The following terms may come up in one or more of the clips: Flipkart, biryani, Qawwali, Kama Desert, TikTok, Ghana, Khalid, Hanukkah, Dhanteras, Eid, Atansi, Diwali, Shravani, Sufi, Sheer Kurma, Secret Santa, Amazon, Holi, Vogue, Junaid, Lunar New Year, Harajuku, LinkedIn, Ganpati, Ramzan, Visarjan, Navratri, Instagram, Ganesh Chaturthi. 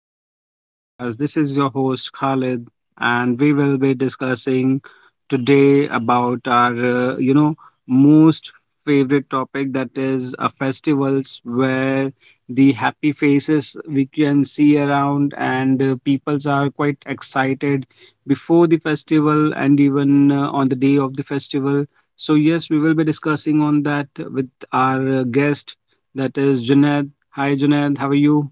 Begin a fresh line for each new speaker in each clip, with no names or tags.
welcome to my podcast. This is your host Khalid, and we will be discussing today about our most favorite topic, that is festivals, where the happy faces we can see around, and peoples are quite excited before the festival and even on the day of the festival. So yes, we will be discussing on that with our guest, that is Junaid. Hi Junaid, how are you?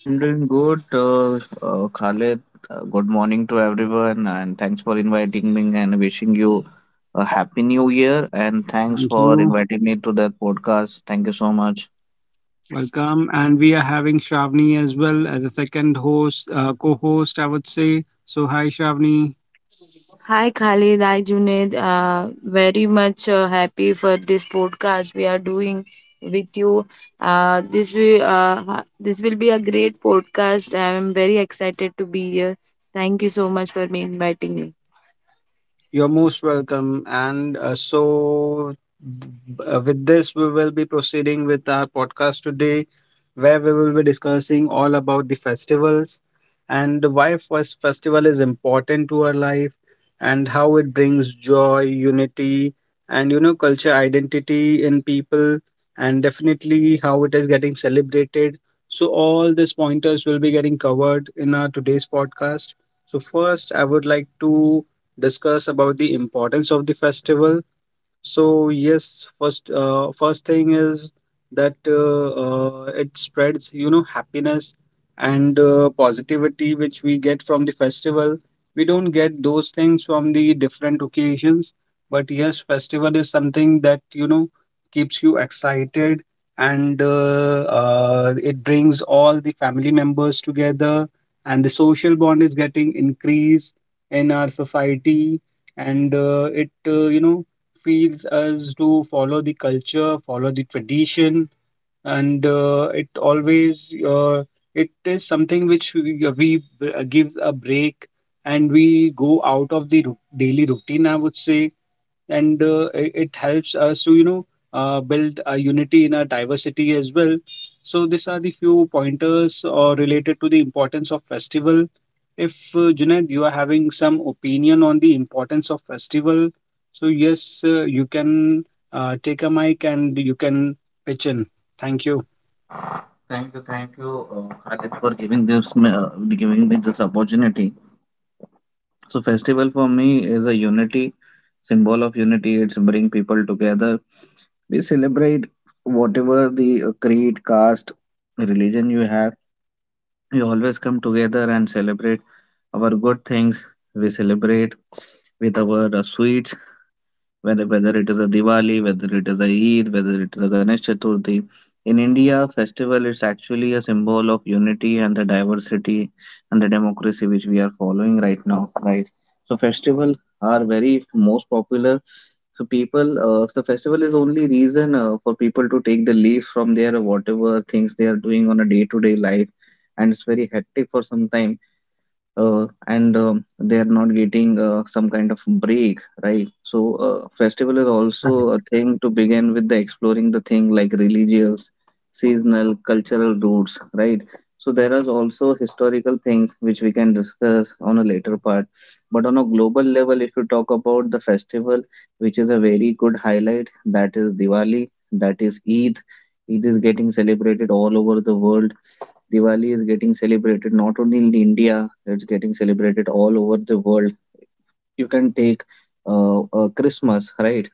I'm doing good, Khalid. Good morning to everyone, and thanks for inviting me and wishing you a happy new year. And thanks
Thank
for
you.
inviting me to that podcast. Thank you so much.
Welcome. And we are having Shravani as well as a second host, co-host, I would say. So hi Shravani.
Hi Khalid, hi Junaid. Very much happy for this podcast we are doing with you. This will be a great podcast. I am very excited to be here. Thank you so much for me inviting me.
You're most welcome. And b- with this, we will be proceeding with our podcast today, where we will be discussing all about the festivals and why first festival is important to our life, and how it brings joy, unity, and you know, culture identity in people, and definitely how it is getting celebrated. So, all these pointers will be getting covered in our today's podcast. So, first, I would like to discuss about the importance of the festival. So yes, first thing is that it spreads, you know, happiness and positivity which we get from the festival. We don't get those things from the different occasions, but yes, festival is something that, you know, keeps you excited, and it brings all the family members together, and the social bond is getting increased in our society. And it you know, feels us to follow the culture, follow the tradition. And it is something which gives a break and we go out of the daily routine, I would say. And it helps us to, you know, build a unity in our diversity as well. So these are the few pointers or related to the importance of festival. If Junaid, you are having some opinion on the importance of festival, so yes, you can take a mic and you can pitch in. Thank you.
Thank you, Khalid, for giving me this opportunity. So festival for me is a unity, symbol of unity. It's bring people together. We celebrate whatever the creed, caste, religion you have. We always come together and celebrate our good things. We celebrate with our sweets, whether it is a Diwali, whether it is a Eid, whether it is a Ganesh Chaturthi. In India, festival is actually a symbol of unity and the diversity and the democracy which we are following right now, right? So festivals are very most popular so people, the festival is only reason for people to take the leave from their whatever things they are doing on a day-to-day life, and it's very hectic for some time and they are not getting some kind of break, right? So festival is also a
Correct.
thing to begin with the exploring the thing like religious, seasonal, cultural roots, right? So there is also historical things which we can discuss on a later part. But on a global level, if you talk about the festival, which is a very good highlight, that is Diwali, that is Eid. Eid is getting celebrated all over the world. Diwali is getting celebrated not only in India, it's getting celebrated all over the world. You can take Christmas, right?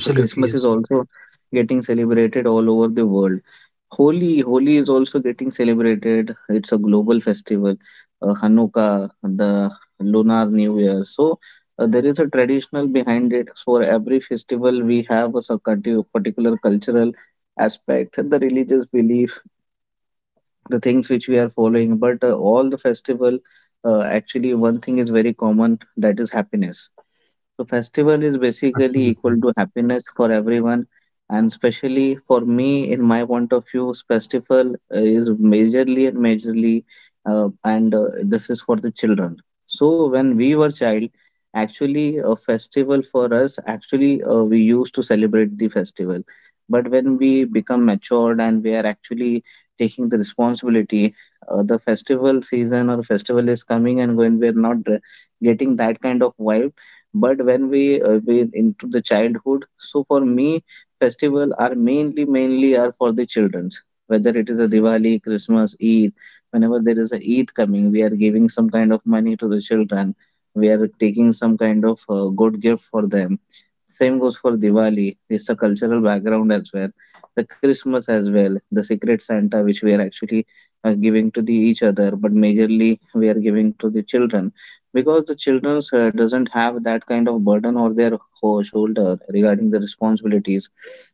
So Christmas is
yes.
also getting celebrated all over the world. Holi, Holi is also getting celebrated. It's a global festival. Hanukkah, the Lunar New Year. So there is a traditional behind it. For every festival, we have a sort of particular cultural aspect, the religious belief, the things which we are following but all the festival actually one thing is very common that is happiness. So festival is basically
Absolutely.
equal to happiness for everyone, and especially for me, in my point of view, festival is majorly and majorly, and this is for the children. So when we were child, actually a festival for us, actually we used to celebrate the festival, but when we become matured and we are actually taking the responsibility, the festival season or festival is coming and when we are not getting that kind of vibe but when we into the childhood, so for me, festival are mainly are for the childrens. Whether it is a Diwali, Christmas, Eid, whenever there is a Eid coming, we are giving some kind of money to the children. We are taking some kind of good gift for them. Same goes for Diwali. It's a cultural background as well. The Christmas as well. The Secret Santa, which we are actually giving to the each other, but majorly we are giving to the children because the children doesn't have that kind of burden on their shoulder regarding the responsibilities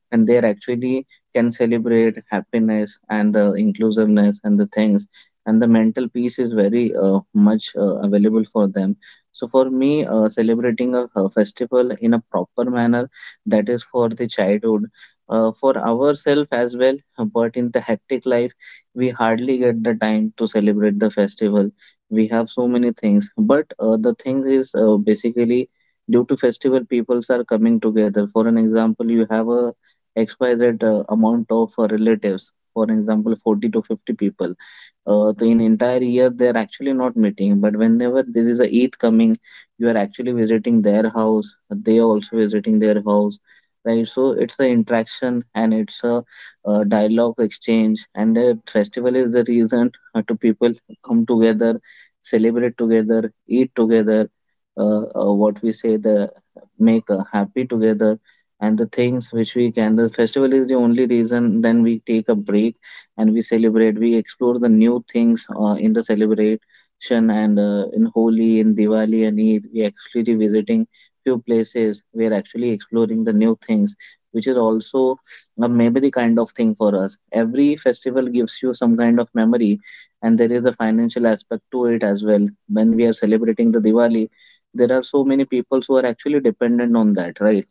and they actually can celebrate happiness and the inclusiveness and the things and the mental peace is very much available for them. So for me celebrating a festival in a proper manner, that is for the childhood, for ourselves as well, but in the hectic life we hardly get the time to celebrate the festival. We have so many things but the thing is basically due to festival peoples are coming together. For an example, you have a xyz amount of relatives, for example 40 to 50 people, the in entire year they are actually not meeting, but whenever there is a eid coming, you are actually visiting their house, they are also visiting their house, right? So it's a interaction and it's a dialogue exchange, and the festival is the reason to people come together, celebrate together, eat together, what we say, the make happy together, and the things which we can. The festival is the only reason. Then we take a break and we celebrate. We explore the new things in the celebration and in Holi, in Diwali, and Eid. We actually visiting few places. We are actually exploring the new things, which is also a memory kind of thing for us. Every festival gives you some kind of memory, and there is a financial aspect to it as well. When we are celebrating the diwali, there are so many people who are actually dependent on that, right?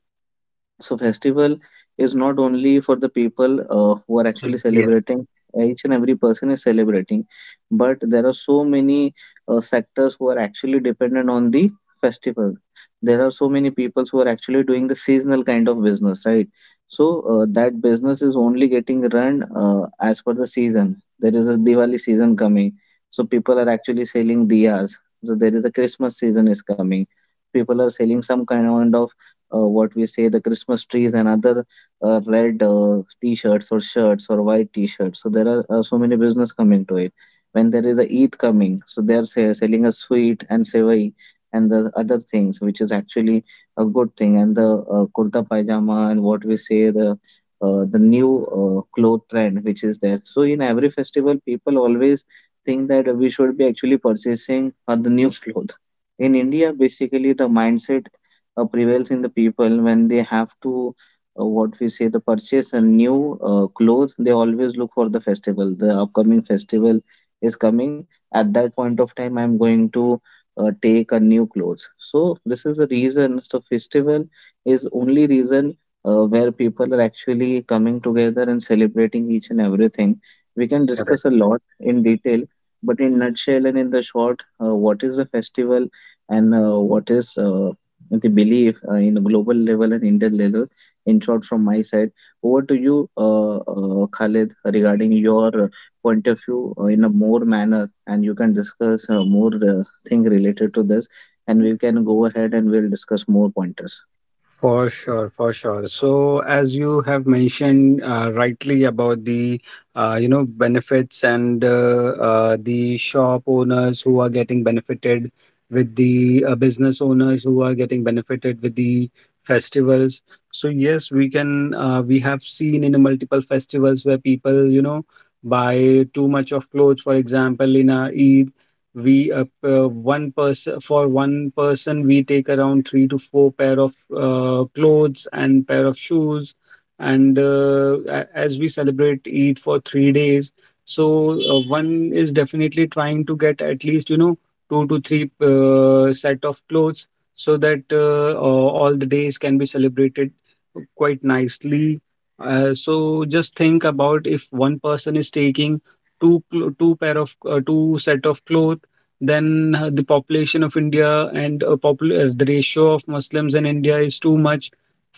So festival is not only for the people who are actually
Absolutely, yes.
celebrating, each and every person is celebrating, but there are so many sectors who are actually dependent on the festival. There are so many people who are actually doing the seasonal kind of business, right? So that business is only getting run as per the season. There is a Diwali season coming, so people are actually selling diyas. So there is a Christmas season is coming, people are selling some kind of what we say the Christmas trees and other red t-shirts or shirts or white t-shirts. So there are so many business coming to it. When there is a Eid coming, so they are say, selling a sweet and sevai and the other things, which is actually a good thing. And the kurta pajama and what we say the new cloth trend which is there. So in every festival, people always think that we should be actually purchasing the new cloth. In India, basically the mindset prevails in the people when they have to what we say the purchase a new clothes. They always look for the festival. The upcoming festival is coming at that point of time, I'm going to take a new clothes. So this is the reason. So festival is only reason where people are actually coming together and celebrating each and everything. We can
Correct.
discuss a lot in detail, but in nutshell and in the short, what is the festival and what is the belief in global level and Indian level. In short, from my side, over to you, Khalid, regarding your point of view in a more manner, and you can discuss more thing related to this, and we can go ahead and we'll discuss more pointers.
For sure, for sure. So, as you have mentioned rightly about the benefits, and the shop owners who are getting benefited with the business owners who are getting benefited with the festivals. So yes, we can we have seen in multiple festivals where people, you know, buy too much of clothes. For example, in a Eid, we one person for one person we take around 3 to 4 pair of clothes and pair of shoes. And as we celebrate eid for 3 days, so one is definitely trying to get at least, you know, 2 to 3 set of clothes so that all the days can be celebrated quite nicely. So just think about if one person is taking two pair of two set of clothes, then the population of India and the ratio of Muslims in India is too much.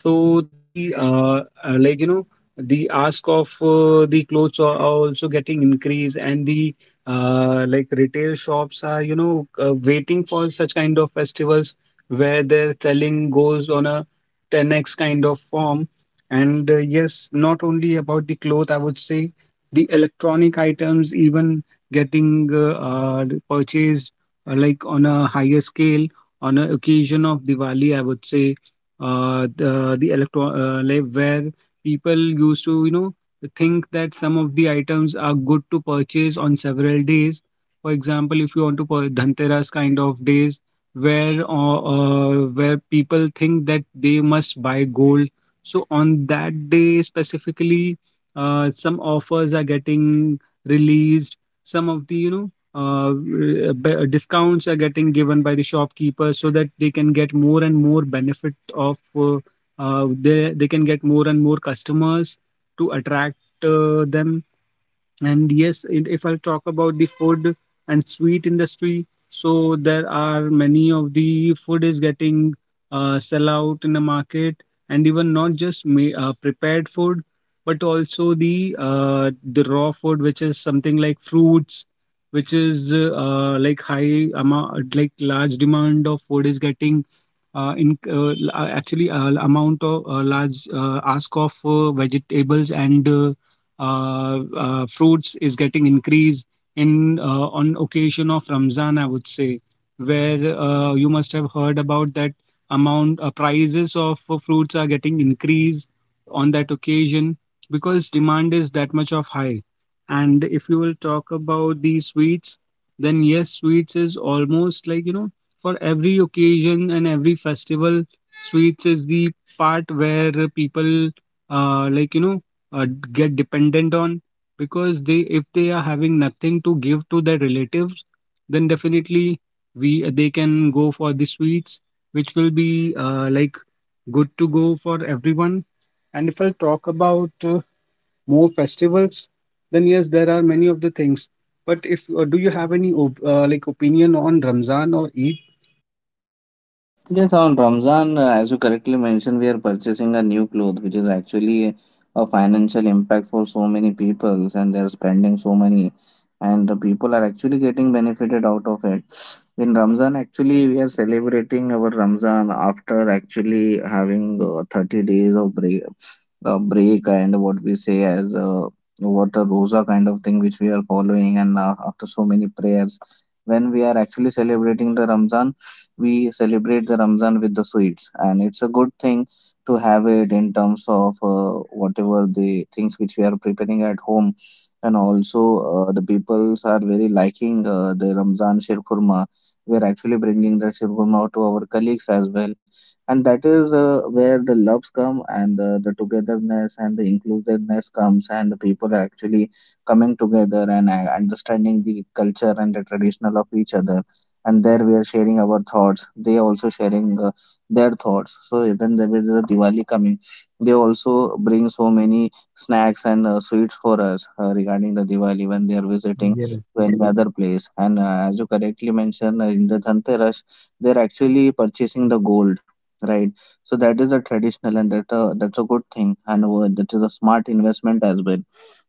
So the the ask of the clothes are also getting increased, and the like retail shops are, you know, waiting for such kind of festivals where their selling goes on a 10x kind of form. And yes, not only about the cloth, I would say the electronic items even getting purchased like on a higher scale on a occasion of Diwali, I would say. The electro Like where people used to, you know, think that some of the items are good to purchase on several days. For example, if you want to purchase Dhanteras kind of days, where people think that they must buy gold. So on that day specifically, some offers are getting released, some of the, you know, discounts are getting given by the shopkeepers so that they can get more and more benefit of they can get more and more customers to attract them. And yes, and if I talk about the food and sweet industry, so there are many of the food is getting sell out in the market, and even not just ma prepared food, but also the raw food, which is something like fruits, which is like high amount, like large demand of food is getting actually amount of large ask of vegetables and fruits is getting increased in on occasion of Ramzan, I would say, where you must have heard about that amount, prices of fruits are getting increased on that occasion because demand is that much of high. And if you will talk about these sweets, then yes, sweets is almost like, you know, for every occasion and every festival, sweets is the part where people uh, like you know uh, get dependent on, because they if they are having nothing to give to their relatives, then definitely we they can go for the sweets which will be like good to go for everyone. And if I talk about more festivals, then yes, there are many of the things. But if do you have any opinion on Ramzan or Eid?
Yes, on Ramzan, as you correctly mentioned, we are purchasing a new cloth, which is actually a financial impact for so many people, and they're spending so many, and the people are actually getting benefited out of it. In Ramzan, actually, we are celebrating our Ramzan after actually having 30 days of break and what we say as what a rosa kind of thing which we are following, and after so many prayers, when we are actually celebrating the Ramzan, we celebrate the Ramzan with the sweets, and it's a good thing to have it in terms of whatever the things which we are preparing at home, and also the peoples are very liking the Ramzan Shir Kurma. We're actually bringing that Shiv Gurma to our colleagues as well. And that is where the loves come and the togetherness and the inclusiveness comes, and the people are actually coming together and understanding the culture and the traditional of each other. And there we are sharing our thoughts. They are also sharing their thoughts. So even there is a Diwali coming, they also bring so many snacks and sweets for us regarding the Diwali when they are visiting
Yes,
to any other place, and as you correctly mentioned in the Dhanteras, they're actually purchasing the gold, right? So that is a traditional, and that that's a good thing, and that is a smart investment as well.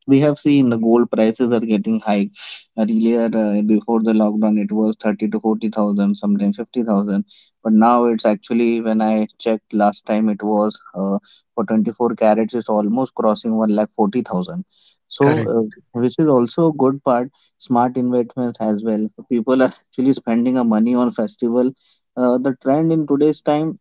We have seen the gold prices are getting high. Earlier, before the lockdown, it was 30 to 40,000, sometimes 50,000. But now it's actually, when I checked last time, it was for 24 carats, it's almost crossing 1 lakh 40,000. So,
correct.
which is also a good part, smart investments as well. People are actually spending a money on festival. The trend in today's time,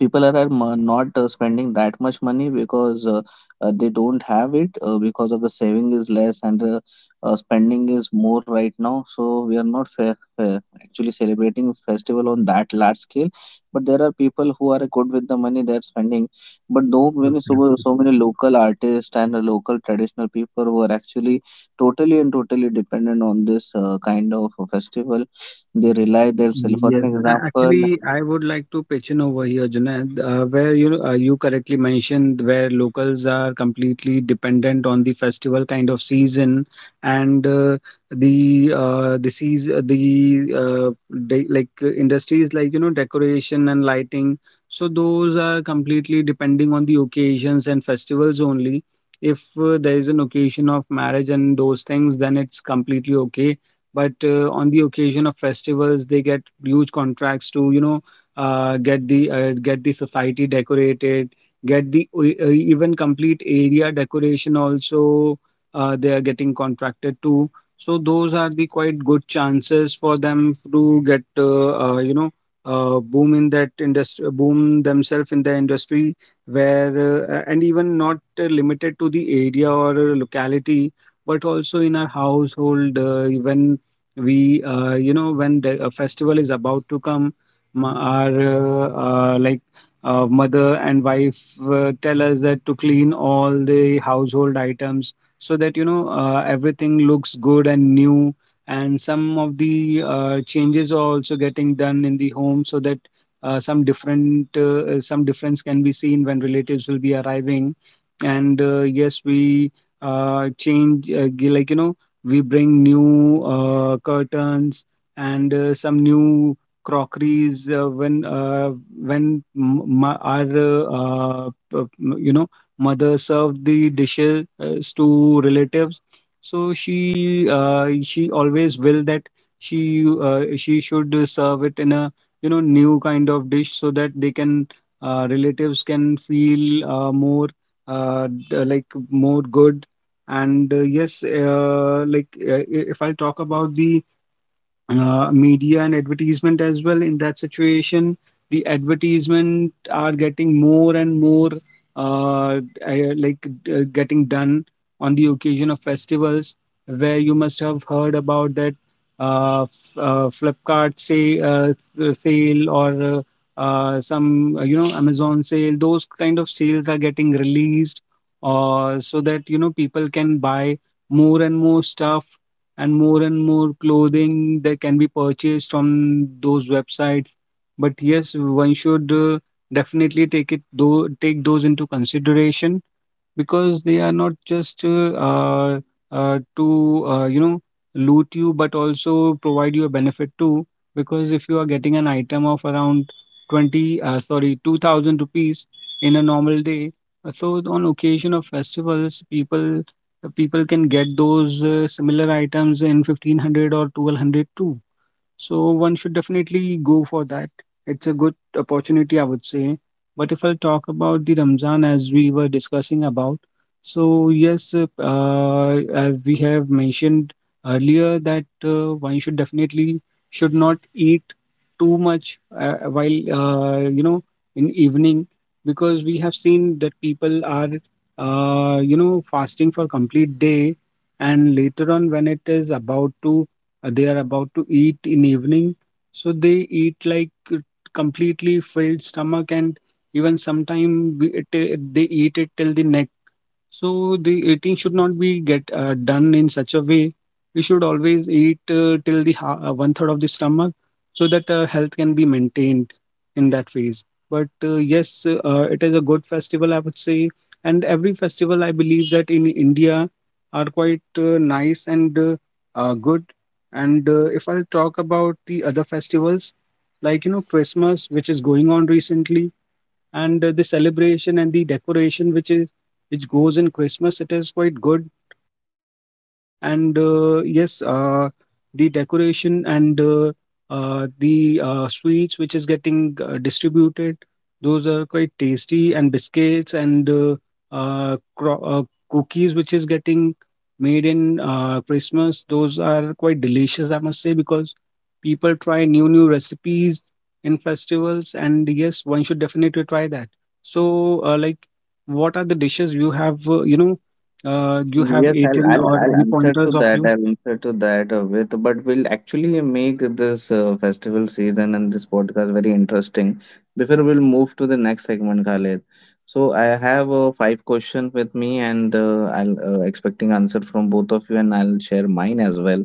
people are not spending that much money because they don't have it because of the saving is less and the spending is more right now, so we are not actually celebrating festival on that large scale. But there are people who are good with the money they're spending. But though many so,
Absolutely.
so many local artists and local traditional people who are actually totally and totally dependent on this kind of a festival. They rely themselves, for an
Yes.
example.
Actually, I would like to pitch in over here, Junaid, where you correctly mentioned where locals are completely dependent on the festival kind of season. And the season the uh, de- like industries like, you know, decoration and lighting. So those are completely depending on the occasions and festivals only. If there is an occasion of marriage and those things, then it's completely okay. But on the occasion of festivals they get huge contracts to, you know, get the society decorated, get the even complete area decoration also they are getting contracted to. So those are the quite good chances for them to get, you know, boom in that industry, boom themselves in the industry. Where and even not limited to the area or locality, but also in our household. When we you know, when the a festival is about to come, our mother and wife tell us that to clean all the household items, so that, you know, everything looks good and new. And some of the changes are also getting done in the home, so that some difference can be seen when relatives will be arriving. And yes, we change g- like you know we bring new curtains and some new crockeries when m- ma- our p- you know mother served the dishes to relatives. So she always will that she should serve it in a, you know, new kind of dish so that they can, relatives can feel more uh, d- like more good. And yes, if I talk about the media and advertisement as well in that situation, the advertisement are getting more and more, uh, uh, like getting done on the occasion of festivals, where you must have heard about that Flipkart sale or some you know Amazon sale, those kind of sales are getting released so that, you know, people can buy more and more stuff, and more clothing that can be purchased on those websites. But yes, one should definitely take it though take those into consideration, because they are not just to you know, loot you but also provide you a benefit too. Because if you are getting an item of around 20 uh, sorry 2000 rupees in a normal day, so on occasion of festivals people can get those similar items in 1500 or 1200 too. So one should definitely go for that. It's a good opportunity, I would say. But if I'll talk about the Ramzan as we were discussing about, so yes, as we have mentioned earlier, that one should definitely should not eat too much while in evening, because we have seen that people are fasting for complete day, and later on when it is about to they are about to eat in evening, so they eat like completely filled stomach, and even sometime they eat it till the next. So the eating should not be get done in such a way. We should always eat till one third of the stomach, so that health can be maintained in that phase. But yes, it is a good festival, I would say, and every festival I believe that in India are quite nice and good. And if I'll talk about the other festivals, like Christmas, which is going on recently, and the celebration and the decoration which goes in Christmas, it is quite good. And yes, the decoration and the sweets which is getting distributed, those are quite tasty, and biscuits and uh, cro- uh, cookies which is getting made in Christmas, those are quite delicious, I must say, because people try new new recipes in festivals, and yes, one should definitely try that. So like, what are the dishes you have you know do you have
Yes, I'll
eaten
I'll
or
I'll
any
answer
pointers
to
of
that.
you?
I'll answer to that but we'll actually make this festival season and this podcast very interesting before we'll move to the next segment, Khaled. So I have five questions with me, and I'll expecting answer from both of you, and I'll share mine as well.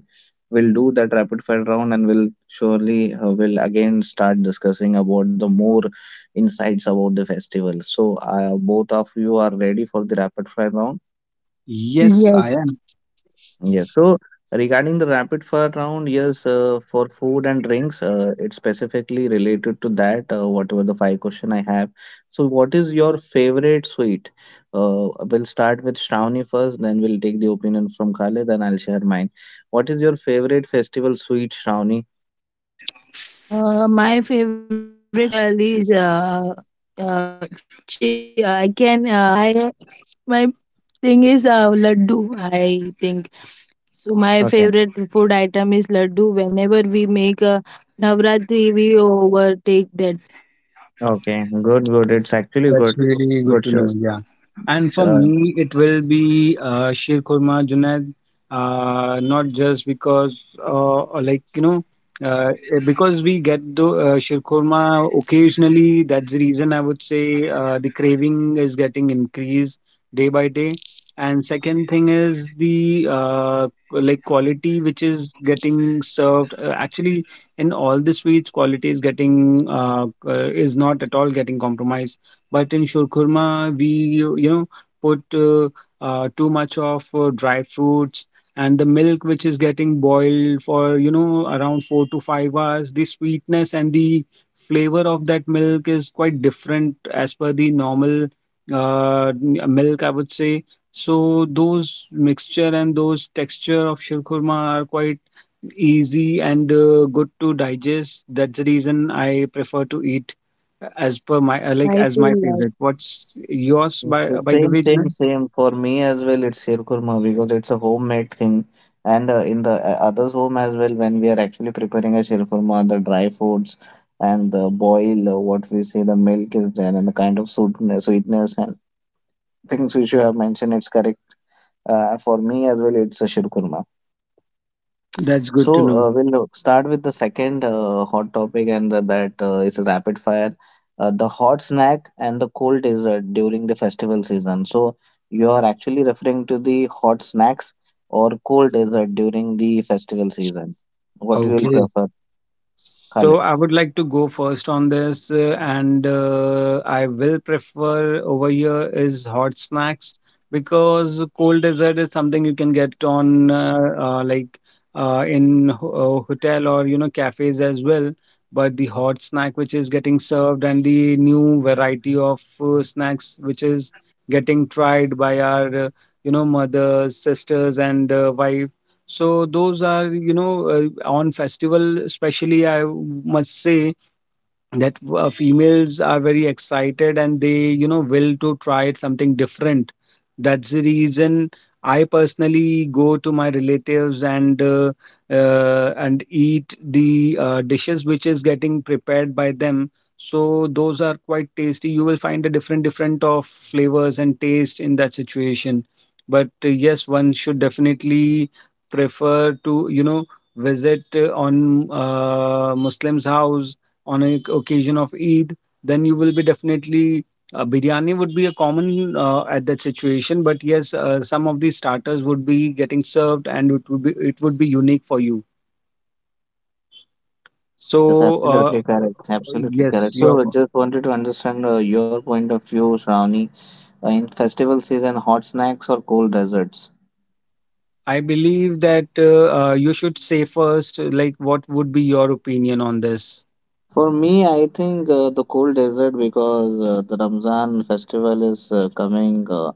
We'll do that rapid fire round, and we'll surely will again start discussing about the more insights about the festival. So both of you are ready for the rapid fire round?
Yes,
Yes.
I.
Yes. So regarding the rapid fire round, yes, for food and drinks, it's specifically related to that, whatever the five question I have. So what is your favorite sweet? We'll start with Shravani first, then we'll take the opinion from Khaled, then I'll share mine. What is your favorite festival sweet, Shravani?
My favorite festival is uh, she, I can hi my thing is laddu. I think so. My
Okay,
favorite food item is laddu. Whenever we make a Navratri, we overtake that.
okay, good, good. It's actually
That's
good.
really good
Good
to know.
choice.
Yeah. And for me, it will be Sheer Kurma, Junaid, not just because, like, because we get the Sheer Kurma occasionally. That's the reason I would say the craving is getting increased day by day. And second thing is the like quality which is getting served. Actually, in all the sweets, quality is getting is not at all getting compromised, but in Shurkurma, we you know put too much of dry fruits, and the milk which is getting boiled for around 4 to 5 hours. The sweetness and the flavor of that milk is quite different as per the normal milk, I would say. So those mixture and those texture of shirkurma are quite easy and good to digest. That's the reason I prefer to eat as per my like
I
as
feel
my favorite.
like.
What's yours by
Okay,
by the
same,
way,
same,
Junaid?
same. For me as well, it's sheer kurma because it's a homemade thing. And in the others' home as well, when we are actually preparing a sheer kurma, the dry foods and the boil, what we say, the milk is there, and the kind of sweetness, sweetness and things which you have mentioned, it's correct. For me as well, it's a sheer kurma.
That's good to
So,
know.
we'll start with the second hot topic, and that is rapid fire. The hot snack and the cold dessert during the festival season. So, you are actually referring to the hot snacks or cold dessert during the festival season. What you will
Okay.
prefer,
So
Khalid?
I would like to go first on this, and I will prefer over here is hot snacks, because cold dessert is something you can get on like in hotel or cafes as well. But the hot snack which is getting served and the new variety of snacks which is getting tried by our mothers, sisters, and wives, so those are, on festival especially, must say that females are very excited and they will to try something different. That's the reason I personally go to my relatives and eat the dishes which is getting prepared by them, so those are quite tasty, you will find a different different of flavors and taste in that situation. But yes, one should definitely prefer to visit on Muslim's house on a occasion of Eid, then you will be definitely, biryani would be a common at that situation. But yes, some of these starters would be getting served, and it would be unique for you.
Yes,
So
absolutely correct. Absolutely
yes,
correct.
your.
So, just wanted to understand your point of view, Shravani, in festival season, hot snacks or cold desserts?
I believe that you should say first, like, what would be your opinion on this?
For me, I think the cold desert because the Ramzan festival is uh, coming uh,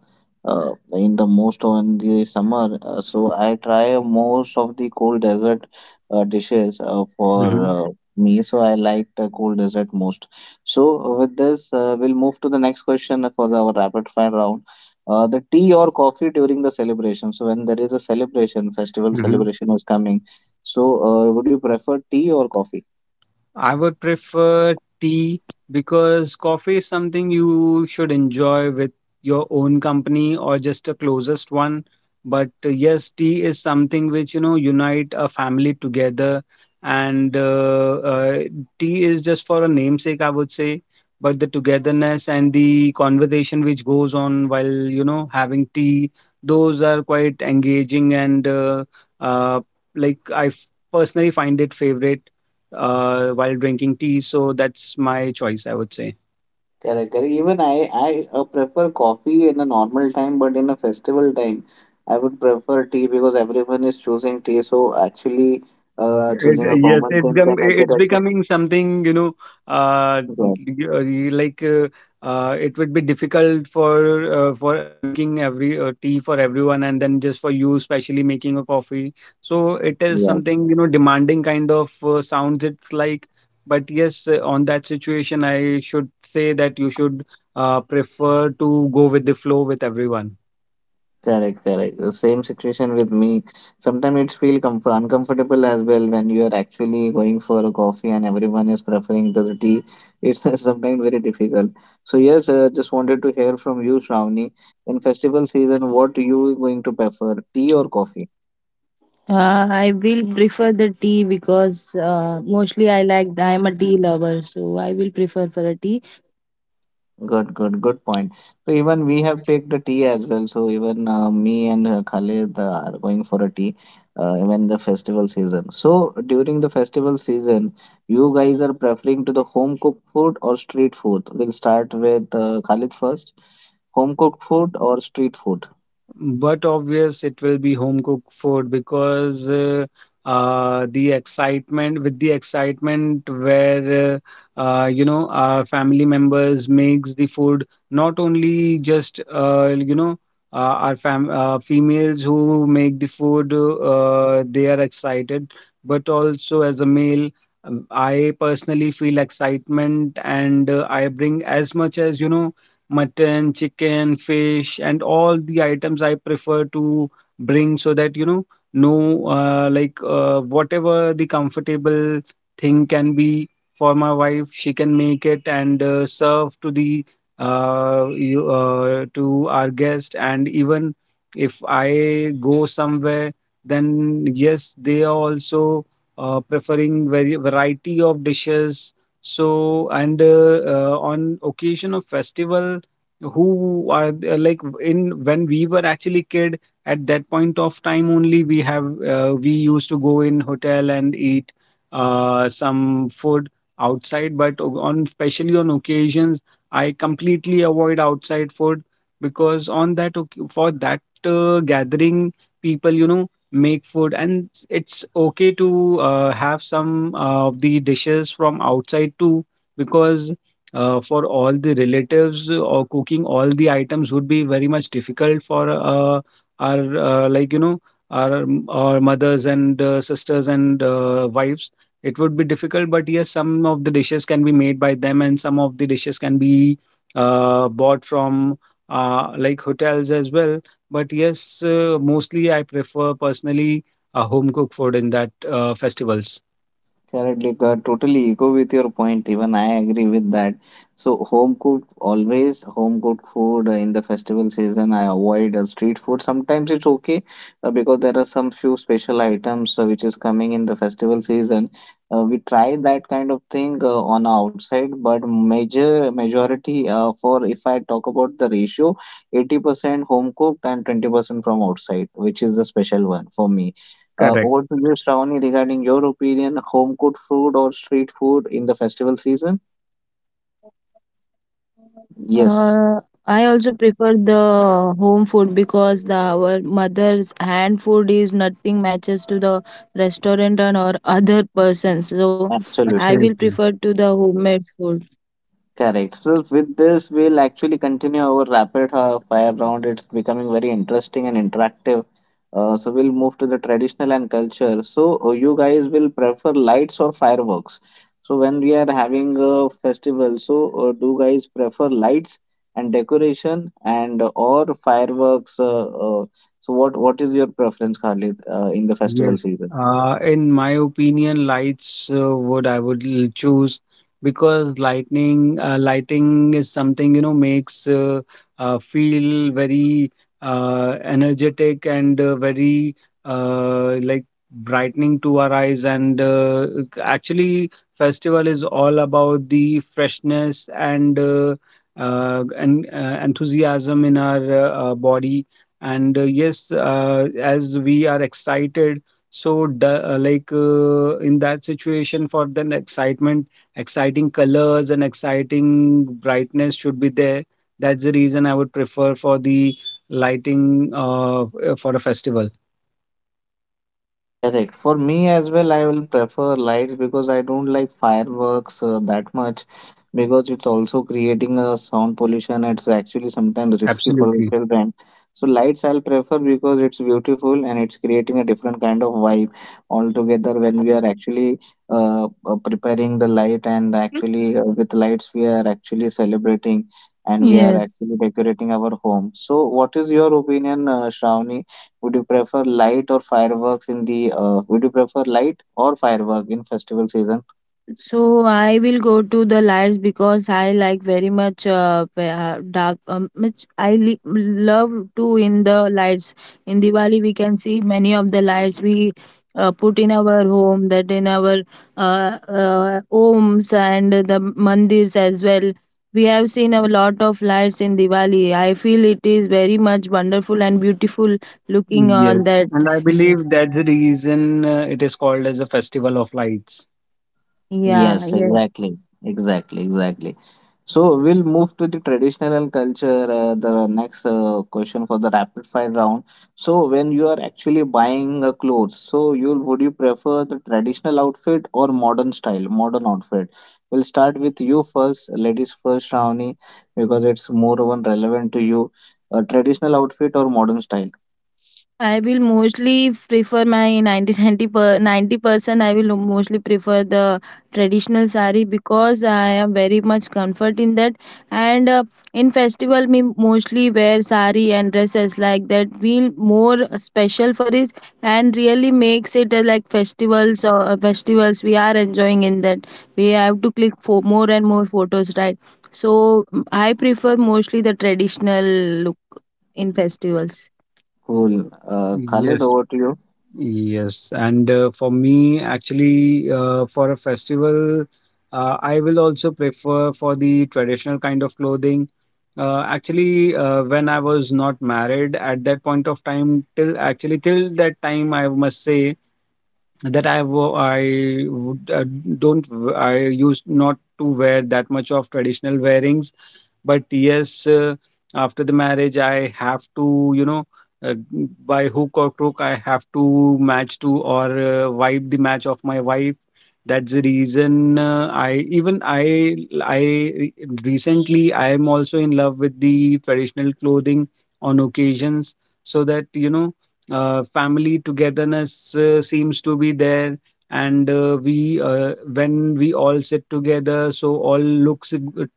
uh, in the most on the summer. So I try most of the cold desert dishes uh, for
Mm-hmm.
uh, me. So I like the cold desert most. So with this, we'll move to the next question for the, our rapid fire round. The tea or coffee during the celebration. So when there is a celebration, festival celebration is coming. So would you prefer tea or coffee?
I would prefer tea, because coffee is something you should enjoy with your own company or just a closest one. But yes, tea is something which, unite a family together. And tea is just for a namesake, I would say. But the togetherness and the conversation which goes on while, having tea, those are quite engaging and uh, like personally find it favorite while drinking tea. So that's my choice, I would say.
Correct, correct. Even I prefer coffee in a normal time, but in a festival time, I would prefer tea because everyone is choosing tea. So actually,
It, uh,
choosing a
yes,
common
it's
thing
com-
can make it
it's
actually.
becoming something,
Yeah,
like it would be difficult for making every tea for everyone, and then just for you, especially making a coffee. So it is
yes.
something, demanding kind of sounds it's like. But yes, on that situation, I should say that you should prefer to go with the flow with everyone.
Correct, correct. The same situation with me. Sometimes it's feel comf uncomfortable as well when you are actually going for a coffee and everyone is preferring to the tea. It's sometimes very difficult. So yes, just wanted to hear from you, Shravani. In festival season, what you going to prefer, tea or coffee?
I will prefer the tea because mostly I am a tea lover, so I will prefer for a tea.
Good, good, good point. So even we have take the tea as well. So even me and Khalid are going for a tea even the festival season. So during the festival season, you guys are preferring to the home cooked food or street food? We'll start with Khalid first. Home cooked food or street food?
But obvious it will be home cooked food, because the excitement where our family members makes the food, not only just you know uh, our fam females who make the food they are excited, but also as a male, I personally feel excitement, and I bring as much as mutton, chicken, fish, and all the items I prefer to bring, so that no, like whatever the comfortable thing can be for my wife, she can make it and serve to our guest. And even if I go somewhere, then yes, they are also preferring very variety of dishes. So, and on occasion of festival, like in when we were actually kid, at that point of time only we used to go in hotel and eat some food outside, but on, especially on occasions, I completely avoid outside food, because for that gathering, people make food, and it's okay to have some of the dishes from outside too, because for all the relatives, or cooking all the items would be very much difficult for our like our mothers and sisters and wives. It would be difficult, but yes, some of the dishes can be made by them, and some of the dishes can be bought from like hotels as well. But yes, mostly I prefer personally a home cooked food in that festivals.
Correctly, Kurt, totally echo with your point. Even I agree with that. So, home cooked, always home cooked food in the festival season. I avoid street food. Sometimes it's okay because there are some few special items which is coming in the festival season. We try that kind of thing on outside, but major majority for if I talk about the ratio, 80% home cooked and 20% from outside, which is the special one for me.
Correct.
Over to you, Shravani, regarding your opinion, home cooked food or street food in the festival season?
Uh,
Yes,
I also prefer the home food because the our mother's hand food is nothing matches to the restaurant and or other persons. So I will
absolutely.
prefer to
Absolutely.
the homemade food.
Correct. So with this, we'll actually continue our rapid fire round. It's becoming very interesting and interactive. So we'll move to the traditional and culture. So you guys will prefer lights or fireworks. So when we are having a festival, so do guys prefer lights and decoration and or fireworks? So what is your preference, Khalid, in the festival
Yes,
season?
in my opinion, lights would I would l- choose, because lightning lighting is something makes feel very energetic, and very like brightening to our eyes, and actually, festival is all about the freshness, and and enthusiasm in our body, and yes, as we are excited, so like in that situation, for then excitement, exciting colors and exciting brightness should be there. That's the reason I would prefer for the lighting for a festival.
Correct. For me as well, I will prefer lights because I don't like fireworks that much because it's also creating a sound pollution. It's actually sometimes risky for the
Absolutely.
children. So lights I'll prefer because it's beautiful and it's creating a different kind of vibe altogether when we are actually preparing the light and actually with lights we are actually celebrating and we are
Yes.
actually decorating our home. So what is your opinion, Shravani? Would you prefer light or fireworks in the would you prefer light or firework in festival season?
So I will go to the lights because I like very much dark. Which love to in the lights. In Diwali, we can see many of the lights we put in our home, that in our uh, homes and the mandirs as well. We have seen a lot of lights in Diwali. I feel it is very much wonderful and beautiful looking
Yes.
on that.
And I believe
Yes.
that's the reason it is called as a festival of lights.
Yeah.
Yes,
Yes.
exactly. Exactly, exactly. So we'll move to the traditional and culture, the next question for the rapid fire round. So when you are actually buying a clothes, so you would you prefer the traditional outfit or modern style, modern outfit? We'll start with you first, ladies first, Shravani, because it's more one relevant to you. A traditional outfit or modern style?
I will mostly prefer my 90%. I will mostly prefer the traditional sari because I am very much comfort in that, and in festival we mostly wear sari and dresses like that feel more special for it, and really makes it like festivals or festivals we are enjoying in that. We have to click for more and more photos, right? So I prefer mostly the traditional look in festivals.
Cool. Khalid,
Yes.
over to you.
Yes, and for me, actually, for a festival, I will also prefer for the traditional kind of clothing. Actually, when I was not married at that point of time, till actually till that time, I must say that I would, don't w- I used not to wear that much of traditional wearings, but yes, after the marriage, I have to, uh, by hook or crook, I have to match to or wipe the match of my wife. That's the reason I even I re- recently I am also in love with the traditional clothing on occasions, so that family togetherness seems to be there, and we when we all sit together so all looks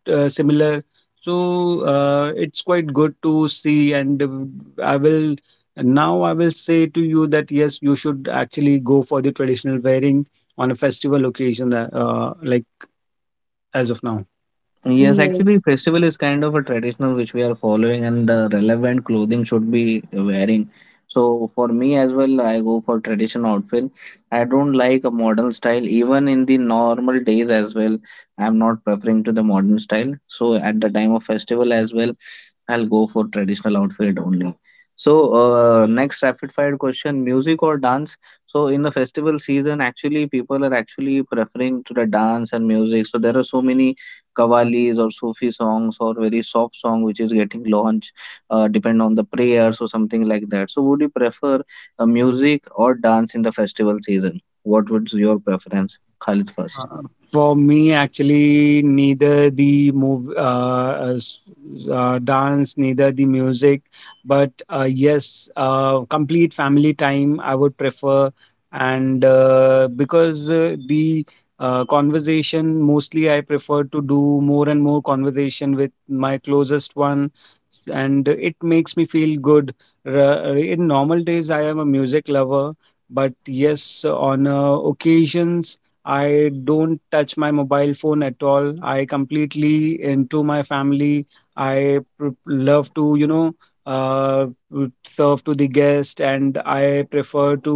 similar, so it's quite good to see. And I will now I will say to you that yes, you should actually go for the traditional wearing on a festival occasion. That, like, as of now.
Yes, actually,
Yes.
festival is kind of a traditional which we are following, and the relevant clothing should be wearing. So for me as well, I go for traditional outfit. I don't like a modern style, even in the normal days as well. I'm not preferring to the modern style. So at the time of festival as well, I'll go for traditional outfit only. So, next rapid fire question, music or dance? So, in the festival season, actually, people are actually preferring to the dance and music. So, there are so many qawwalis or Sufi songs or very soft song which is getting launched, depend on the prayers or something like that. So, would you prefer music or dance in the festival season? What would your preference? Khalid first.
Uh, for me, actually, neither the dance, neither the music, but yes, complete family time I would prefer, and because the conversation mostly I prefer to do more and more conversation with my closest one, and it makes me feel good. In normal days, I am a music lover, but yes, on occasions. I don't touch my mobile phone at all. I completely into my family. I love to, serve to the guest, and I prefer to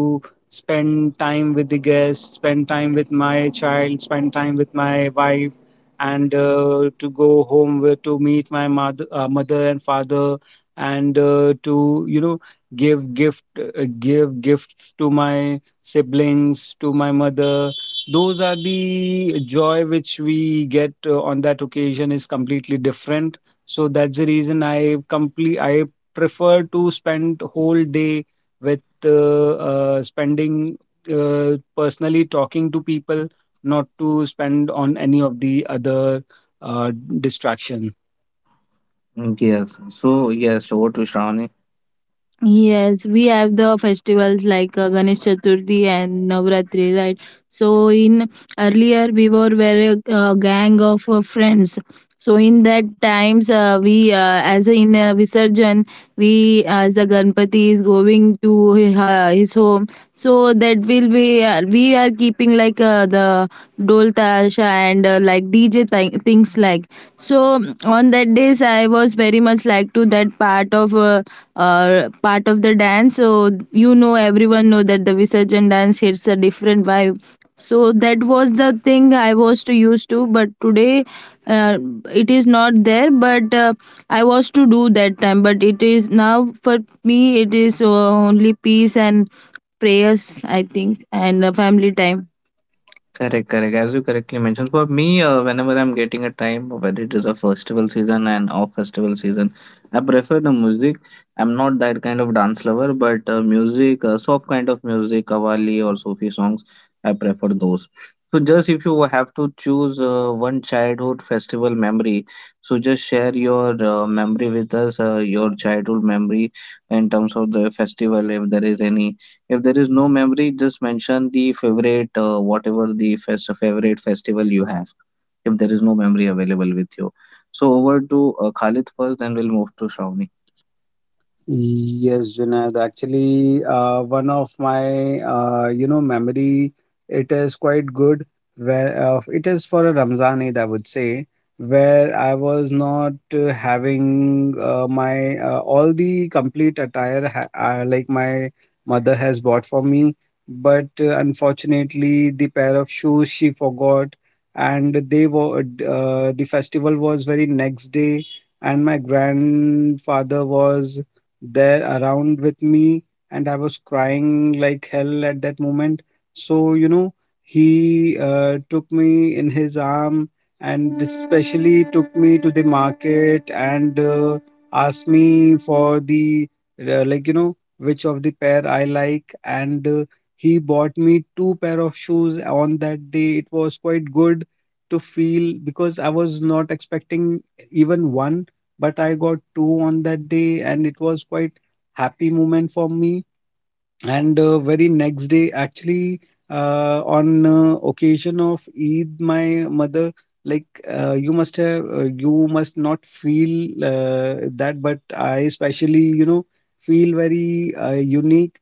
spend time with the guest, spend time with my child, spend time with my wife, and to go home with, to meet my mother, mother and father, and to, give gifts to my siblings, to my mother, those are the joy which we get on that occasion is completely different. So that's the reason I prefer to spend whole day with spending uh, personally talking to people, not to spend on any of the other uh, distractions.
Yes. So, yes, over to Shravani.
Yes, we have the festivals like Ganesh Chaturthi and Navratri, right? So in earlier we were very gang of friends. So in that times we as in Visarjan, we, as a Ganpati is going to his home, so that will be we are keeping like the dol tasha and like DJ things like. So on that days I was very much like to that uh, part of the dance. So you know everyone know that the Visarjan dance hits a different vibe. So that was the thing I was to used to, but today uh, it is not there, but I was to do that time, but it is now for me. It is only peace and prayers, I think, and family time.
Correct, correct. As you correctly mentioned, for me, whenever I'm getting a time, whether it is a festival season and off festival season, I prefer the music. I'm not that kind of dance lover, but music, soft kind of music, Qawwali or Sufi songs, I prefer those. So, just if you have to choose one childhood festival memory, so just share your memory with us, your childhood memory in terms of the festival, if there is any. If there is no memory, just mention the favorite, whatever the fest favorite festival you have. If there is no memory available with you, so over to Khalid first, then we'll move to Shravani.
Yes, Junaid. Actually, one of my memory. It is quite good. Where it is for a Ramzan Eid, I would say, where I was not having my all the complete attire ha like my mother has bought for me, but unfortunately, the pair of shoes she forgot, and the festival was very next day, and my grandfather was there around with me, and I was crying like hell at that moment. So he took me in his arm and especially took me to the market and asked me for the which of the pair I like, and he bought me two pair of shoes on that day. It was quite good to feel, because I was not expecting even one, but I got two on that day, and it was quite happy moment for me. And very next day actually, on occasion of Eid, my mother like, you must have you must not feel that, but I especially, feel very unique,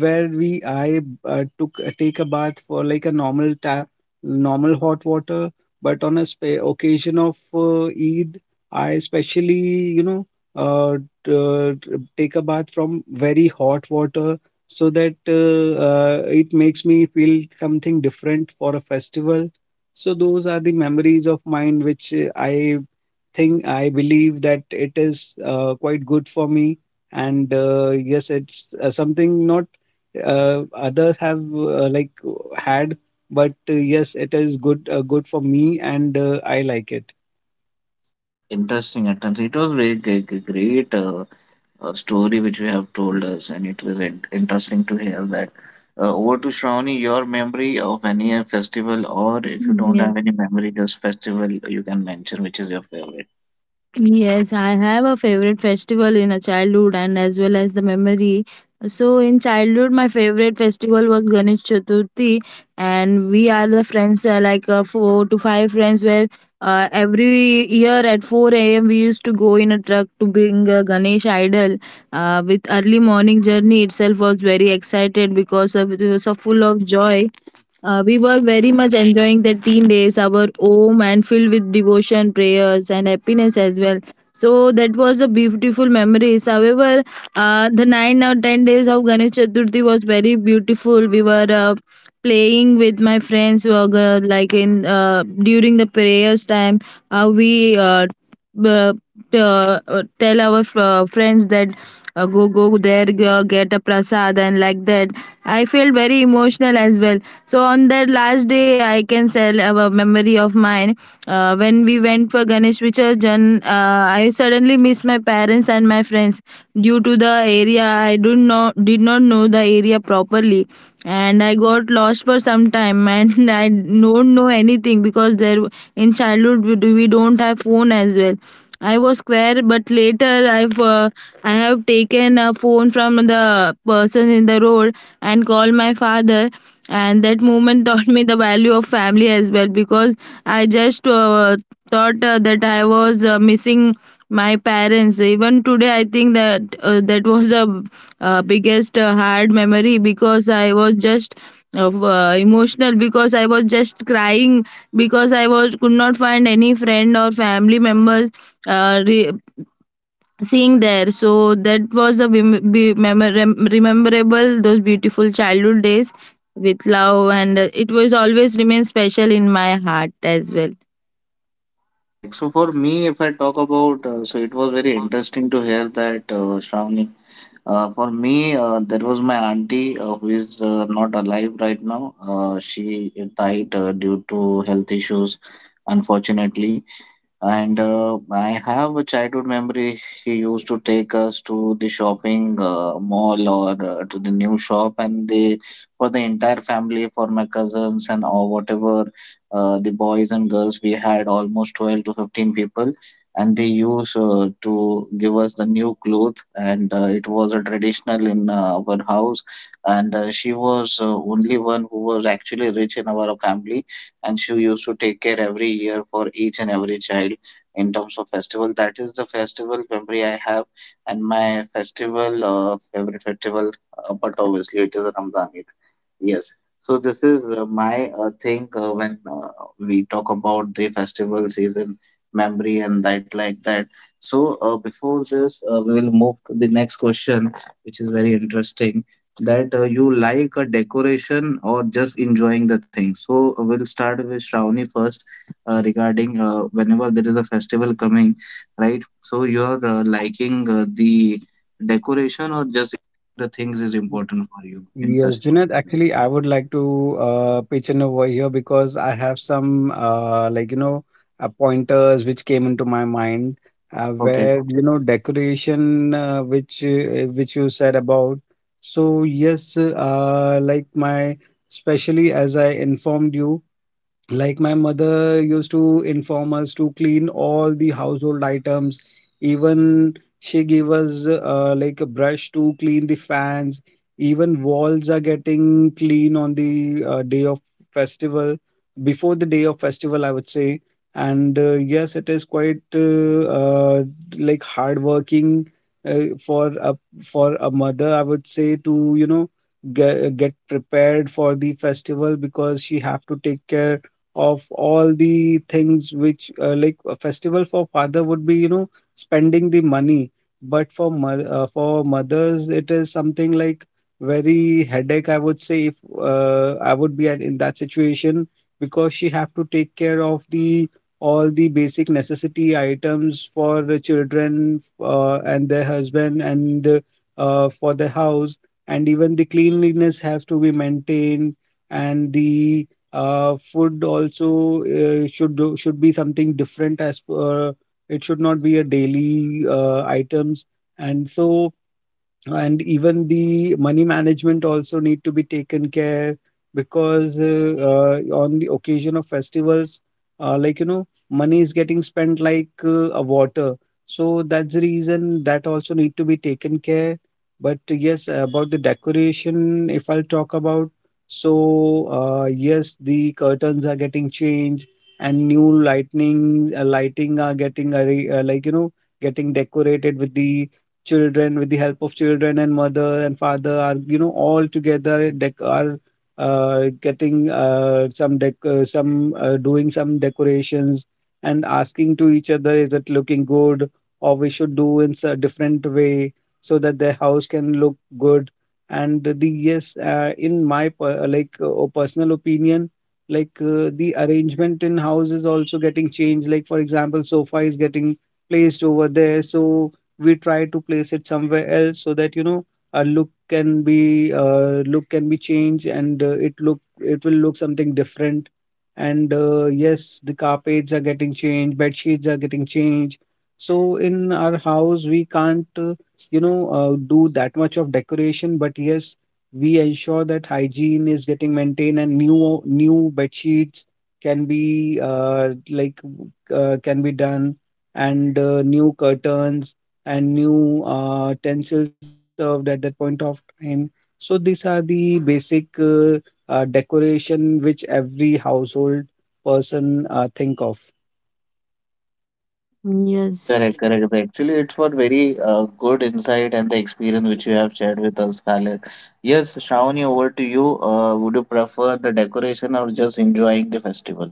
where we I took take a bath for like a normal tap, normal hot water, but on a occasion of Eid, I especially, you know uh, t- uh, take a bath from very hot water, so that it makes me feel something different for a festival. So those are the memories of mine which I think, I believe that it is quite good for me. And yes, it's something not others have like had, but yes, it is good, good for me, and I like it.
Interesting, Atansi. It was really great story which you have told us, and it was interesting to hear that. Over to Shravani, your memory of any festival, or if you don't have any
Yes,
memory, just festival you can mention, which is your favorite.
yes, I have a favorite festival in a childhood and as well as the memory. So in childhood, my favorite festival was Ganesh Chaturthi, and we are the friends four to five friends where every year at 4 a.m. we used to go in a truck to bring Ganesh idol. With early morning journey itself was very excited because of, it was full of joy. We were very much enjoying the teen days, our home and filled with devotion, prayers, and happiness as well. So that was a beautiful memories. However, the 9 or 10 days of Ganesh Chaturthi was very beautiful. We were playing with my friends, like in during the prayers time. We uh, uh, tell our friends that go go there go, get a prasad and like that. I felt very emotional as well, so on that last day I can tell a memory of mine. When we went for Ganesh Visurjan, I suddenly missed my parents and my friends due to the area. I do not did not know the area properly, and I got lost for some time and I don't know anything because there in childhood we we don't have phone as well. I was square, but later I have taken a phone from the person in the road and called my father, and that moment taught me the value of family as well, because I just thought that I was missing my parents. Even today I think that that was a biggest hard memory, because I was just of, emotional, because I was just crying, because I was could not find any friend or family members uh, re- seeing there. So that was the rememberable those beautiful childhood days with love, and it was always remain special in my heart as well.
Correct. So for me, if I talk about, so it was very interesting to hear that, Shravani. For me, there was my auntie who is not alive right now. She died due to health issues, unfortunately. And I have a childhood memory. He used to take us to the shopping mall or to the new shop, and they for the entire family, for my cousins and or whatever the boys and girls, we had almost 12 to 15 people, and they used to give us the new clothes, and it was a traditional in our house. And she was only one who was actually rich in our family and she used to take care every year for each and every child in terms of festival. That is the festival memory I have, and my festival favorite festival, but obviously it is Ramadan Eid. Yes. So this is my thing when we talk about the festival season memory and that like that. So before this, we will move to the next question, which is very interesting that you like a decoration or just enjoying the thing. So we'll start with Shravani first regarding whenever there is a festival coming, right? So you're liking the decoration or just the things is important for you in
Yes,
festival
Junaid,
season?
actually, I would like to pitch in over here because I have some, pointers which came into my mind
Okay,
where, you know, decoration, which you said about. So, yes, like my, especially as I informed you. Like my mother used to inform us to clean all the household items. Even she gave us like a brush to clean the fans. Even walls are getting clean on the day of festival, before the day of festival, I would say. And yes, it is quite like hardworking uh, for a for a mother, I would say, to, you know, get prepared for the festival, because she have to take care of all the things which like a festival for father would be, you know, spending the money, but for for mothers it is something like very headache, I would say, if I would be in that situation, because she have to take care of the all the basic necessity items for the children and their husband and for the house, and even the cleanliness has to be maintained, and the food also should be something different as per. It should not be a daily items. And and even the money management also need to be taken care, because on the occasion of festivals, like you know, money is getting spent like a water, so that's the reason that also need to be taken care. But yes, about the decoration if I'll talk about, so yes, the curtains are getting changed, and new lightning lighting are like, you know, getting decorated with the children, with the help of children, and mother and father are, you know, all together dec- are getting some some doing some decorations and asking to each other, is it looking good, or we should do in a different way, so that their house can look good. And the yes, in my personal opinion, the arrangement in house is also getting changed. Like for example, sofa is getting placed over there, so we try to place it somewhere else, so that, you know, our look can be changed, and it will look something different. And yes, the carpets are getting changed, bed sheets are getting changed. So in our house we can't, do that much of decoration, but yes, we ensure that hygiene is getting maintained, and new bed sheets can be can be done, and new curtains and new utensils can be served at that point of time. So these are the basic decoration which every household person think of.
Yes.
correct, correct. Actually, it's what very good insight and the experience which you have shared with us, Khaled. Yes, Shravani, over to you. Would you prefer the decoration or just enjoying the festival?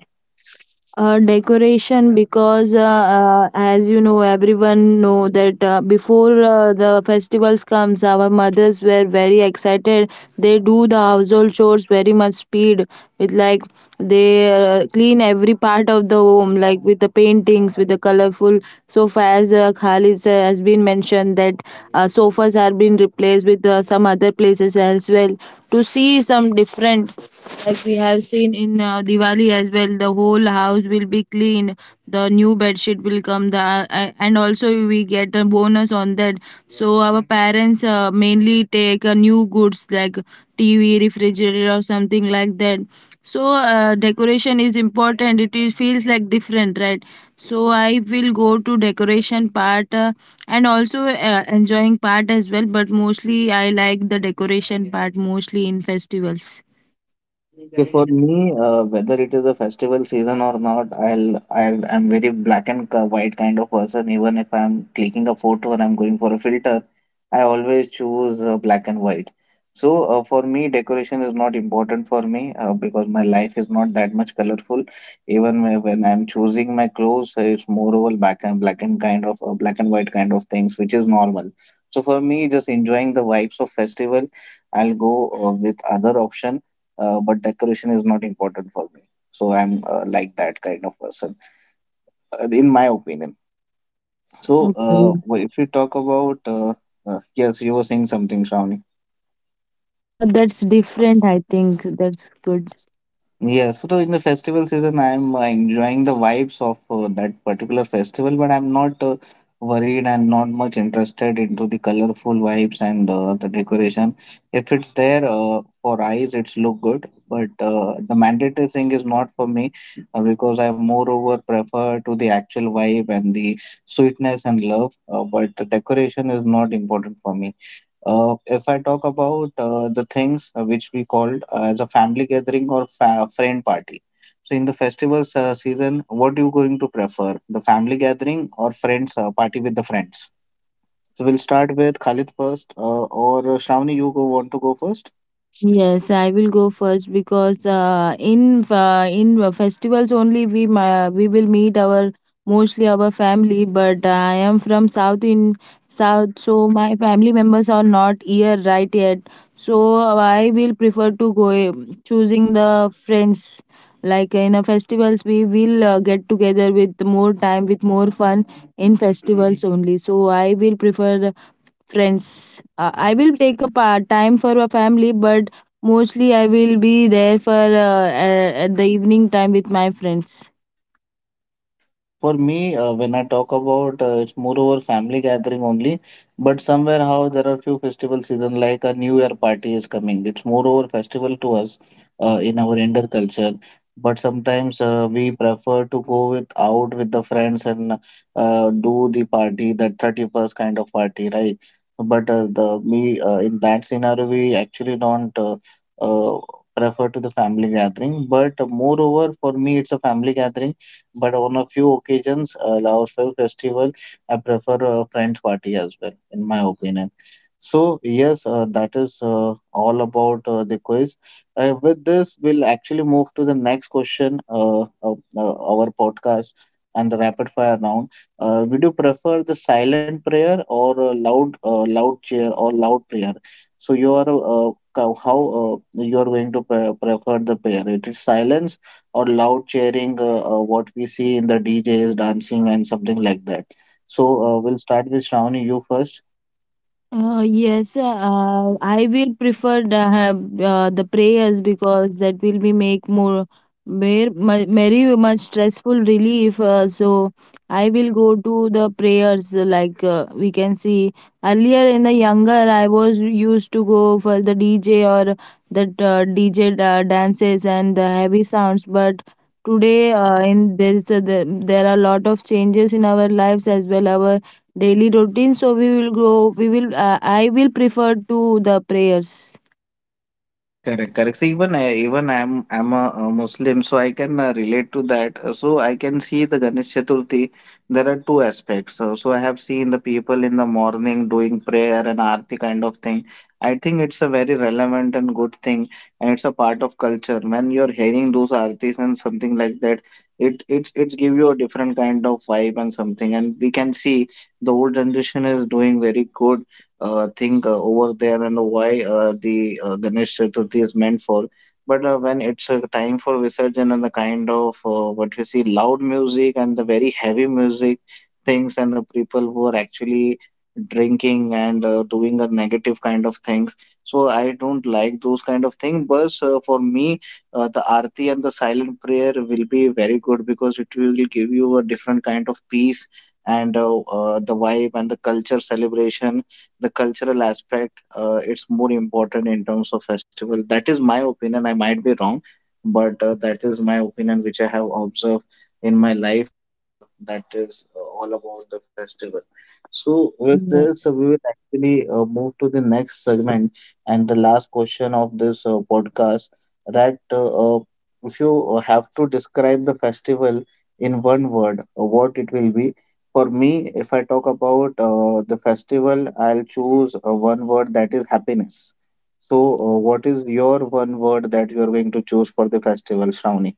decoration, because as you know everyone know that before the festivals comes, our mothers were very excited. They do the household chores very much speed with like, they clean every part of the home, like with the paintings, with the colorful sofa, as Khalid sir has been mentioned that sofas are being replaced with some other places as well to see some different. Like, we have seen in Diwali as well, the whole house will be clean. The new bed sheet will come. The and also we get a bonus on that. So our parents mainly take new goods like TV, refrigerator, or something like that. So decoration is important. It is, feels like different, right? So I will go to decoration part and also enjoying part as well, but mostly I like the decoration part mostly in festivals.
Okay, for me, whether it is a festival season or not, I'm very black and white kind of person. Even if I'm clicking a photo and I'm going for a filter, I always choose black and white. So for me, decoration is not important for me because my life is not that much colorful. Even when I'm choosing my clothes, it's more over black and black and kind of black and white kind of things, which is normal. So for me, just enjoying the vibes of festival, I'll go with other option, but decoration is not important for me. So I'm like that kind of person, in my opinion. So
Okay.
if you talk about, yes, you were saying something, Shravani.
That's different, I think. That's good.
Yeah, so in the festival season, I'm enjoying the vibes of that particular festival, but I'm not worried and not much interested into the colorful vibes and the decoration. If it's there for eyes, it's look good, but the mandatory thing is not for me because I moreover prefer to the actual vibe and the sweetness and love. But the decoration is not important for me. If I talk about the things which we called as a family gathering or fa friend party. So in the festivals season, what you going to prefer, the family gathering or friends party with the friends? So we'll start with Khalid first, or Shravani, you go, want to go first?
Yes, I will go first because in festivals only we will meet our mostly our family. But I am from South in South, so my family members are not here right yet. So I will prefer to go choosing the friends. Like in a festivals, we will get together with more time, with more fun in festivals only. So I will prefer friends. I will take a part time for a family, but mostly I will be there for at the evening time with my friends.
Correct. For me, when I talk about, it's moreover family gathering only, but somewhere how there are few festival season like a New Year party is coming. It's moreover festival to us in our Indian culture. But sometimes we prefer to go with out with the friends and do the party, that 31st kind of party, right? But the me in that scenario we actually don't uh, prefer to the family gathering. But moreover for me it's a family gathering, but on a few occasions, Laos Film Festival, I prefer a friends party as well, in my opinion. So yes, that is all about the quiz. With this, we'll actually move to the next question of our podcast and the rapid fire round. Would you prefer the silent prayer or a loud cheer or loud prayer? So you are how you are going to prefer the prayer? It is silence or loud cheering, what we see in the DJs dancing and something like that. So we'll start with Shravani, you first.
Yes, I will prefer the prayers because that will be make more very much stressful relief. So I will go to the prayers. Like we can see earlier in the younger, I was used to go for the DJ or that DJ dances and the heavy sounds. But today, in there is a, there are a lot of changes in our lives as well. Our daily routine, so we will go, we will I will prefer to the prayers.
Correct, correct. So even I'm a Muslim, so I can relate to that. So I can see the Ganesh Chaturthi. There are two aspects. So I have seen the people in the morning doing prayer and aarti kind of thing. I think it's a very relevant and good thing, and it's a part of culture. When you're hearing those aartis and something like that, it's give you a different kind of vibe and something. And we can see the old generation is doing very good thing over there and why the Ganesh Chaturthi is meant for. But when it's a time for Visarjan and the kind of what we see loud music and the very heavy music things and the people who are actually drinking and doing a negative kind of things, so I don't like those kind of things. But for me, the arti and the silent prayer will be very good because it will give you a different kind of peace and the vibe and the culture celebration, the cultural aspect. It's more important in terms of festival. That is my opinion. I might be wrong, but that is my opinion which I have observed in my life. That is all about the festival. So with this,
Yes.
we will actually move to the next segment and the last question of this podcast, that uh, if you have to describe the festival in one word, what it will be. For me, if I talk about the festival, I'll choose one word, that is happiness. So, what is your one word that you are going to choose for the festival, Shravani?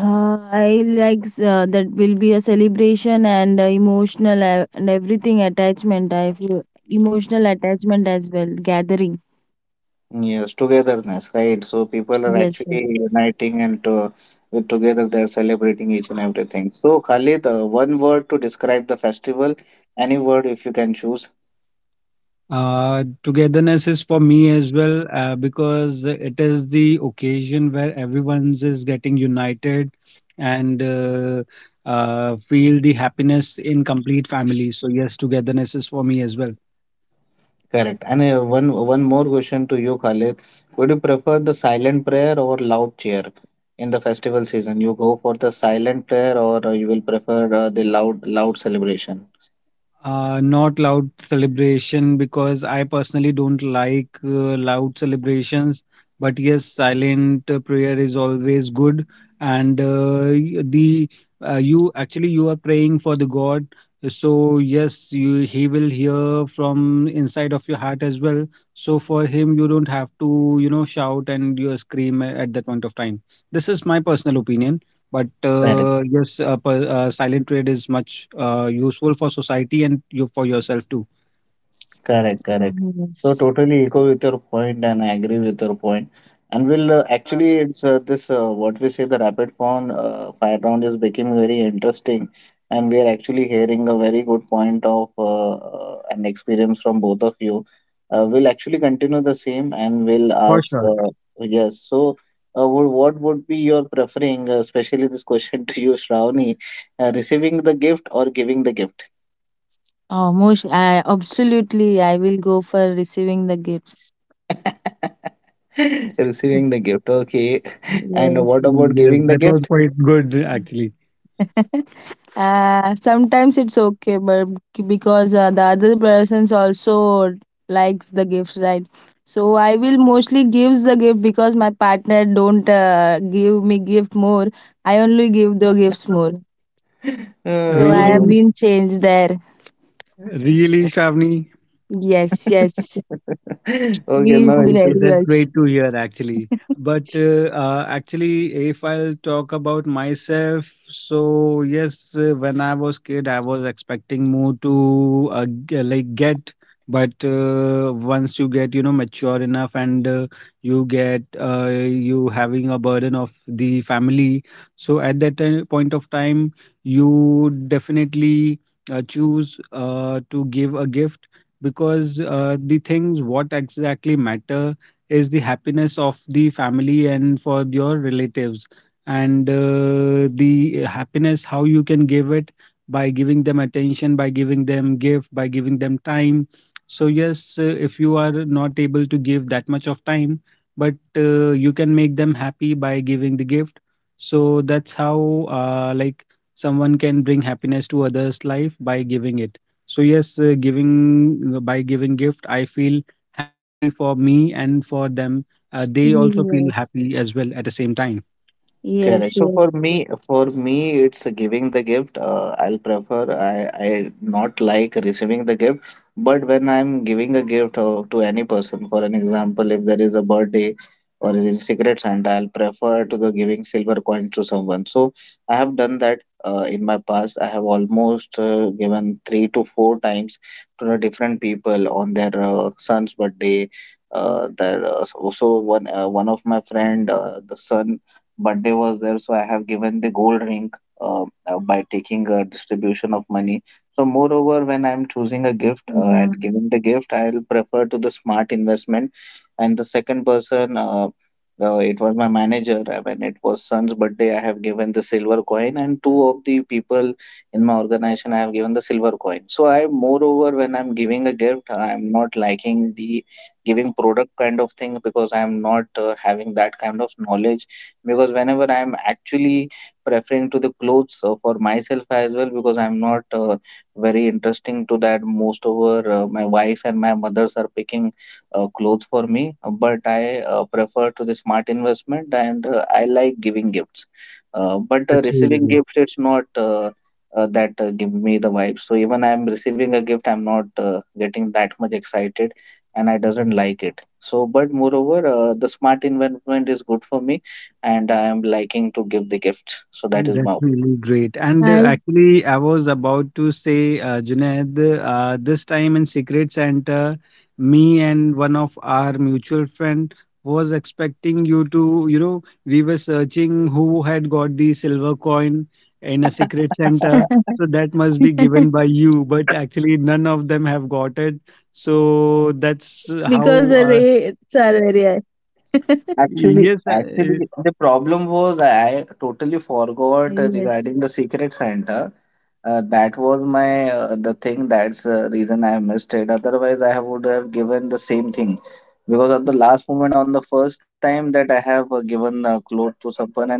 I like that will be a celebration and emotional and everything attachment, I feel emotional attachment as well, gathering.
Mm, yes, togetherness, right? So people are
Yes. Yes.
actually uniting and, with together, they're celebrating each and everything. So Khalid, one word to describe the festival, any word if you can choose.
Togetherness is for me as well, because it is the occasion where everyone's is getting united and feel the happiness in complete family. So yes, togetherness is for me as well.
Correct. And one more question to you, Khalid. Would you prefer the silent prayer or loud cheer in the festival season? You go for the silent prayer, or you will prefer the loud celebration?
Not loud celebration, because I personally don't like loud celebrations. But yes, silent prayer is always good, and y- the you actually, you are praying for the God. So yes, you he will hear from inside of your heart as well. So for him, you don't have to, you know, shout and you scream at that point of time. This is my personal opinion. But
Correct.
yes, silent trade is much useful for society and you for yourself too.
Correct, correct.
Mhm,
So
yes.
totally echo with your point and I agree with your point. And we'll actually it's this, what we say the rapid round fire round is becoming very interesting, and we are actually hearing a very good point of an experience from both of you. We'll actually continue the same and we'll
For
ask,
sure.
yes. So what would be your preferring, especially this question to you, Shravani, receiving the gift or giving the gift?
Oh most, I absolutely I will go for receiving the gifts.
Receiving the gift, okay. And
Yes.
what about
Yes,
giving
that
the
was
gift?
quite good actually.
Sometimes it's okay, but because the other persons also likes the gifts, right? So I will mostly gives the gift because my partner don't give me gift more. I only give the gifts more, so I have
Really,
Oh.
been changed there.
really, Shravani.
Yes, yes.
Okay,
He is
no.
Okay,
very
that's great
much.
to hear actually. But actually, if I'll talk about myself, so yes, when I was kid, I was expecting more to like get, but once you get, you know, mature enough, and you get you having a burden of the family, so at that point of time, you definitely choose to give a gift, because the things what exactly matter is the happiness of the family and for your relatives, and the happiness how you can give it, by giving them attention, by giving them gift, by giving them time. So yes, if you are not able to give that much of time, but you can make them happy by giving the gift. So that's how, like, someone can bring happiness to others life by giving it. So yes, giving by giving gift, I feel happy for me and for them. They also feel
Yes,
happy as well at the same time.
Correct.
yes.
So for
Yes.
me, for me, it's giving the gift. I'll prefer. I not like receiving the gift. But when I'm giving a gift to any person, for an example, if there is a birthday or a Secret Santa, I'll prefer to the giving silver coins to someone. So I have done that in my past. I have almost given three to four times to the different people on their son's birthday. Their so so one one of my friend, the son birthday was there, so I have given the gold ring by taking a distribution of money. So, moreover, when I'm choosing a gift
Yeah.
and giving the gift, I'll prefer to the smart investment. And the second person, it was my manager. When it was son's birthday, I have given the silver coin, and two of the people in my organization, I have given the silver coin. So, I moreover, when I'm giving a gift, I'm not liking the giving product kind of thing, because I am not having that kind of knowledge. Because whenever I'm actually preferring to the clothes for myself as well, because I'm not very interesting to that. Most over my wife and my mothers are picking clothes for me, but I prefer to the smart investment and I like giving gifts,
Mm,
but
that's really
receiving
good.
gifts it's not that give me the vibe. So even I'm receiving a gift, I'm not getting that much excited and I doesn't like it. So but moreover the smart investment is good for me and I am liking to give the gift. So
Mm,
that is
that's
my
really great. And
I
actually, I was about to say, Junaid, this time in Secret Santa, me and one of our mutual friend was expecting you to, you know, we were searching who had got the silver coin in a
opinion.
Secret Santa. So that must be given by you, but actually none of them have got it. So that's uh,
because
how,
the
uh,
rates are very high.
Yes,
Actually, actually, the problem was I totally forgot
Yes.
regarding the Secret Santa. That was my the thing. That's the reason I missed it. Otherwise, I would have given the same thing, because at the last moment, on the first time that I have given clothes to someone, and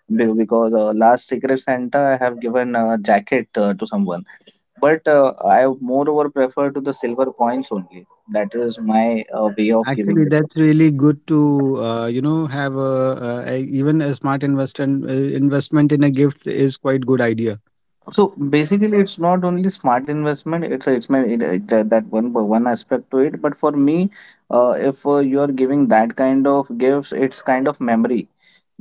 because last Secret Santa, I have given a jacket to someone. But I moreover prefer to the silver coins only. That is my way of
actually,
giving the
that's
gift.
really good to, you know, have a even a smart investment in a gift is quite good idea.
So basically, it's not only smart investment. It's my, it, that that one one aspect to it. But for me, if you are giving that kind of gifts, it's kind of memory.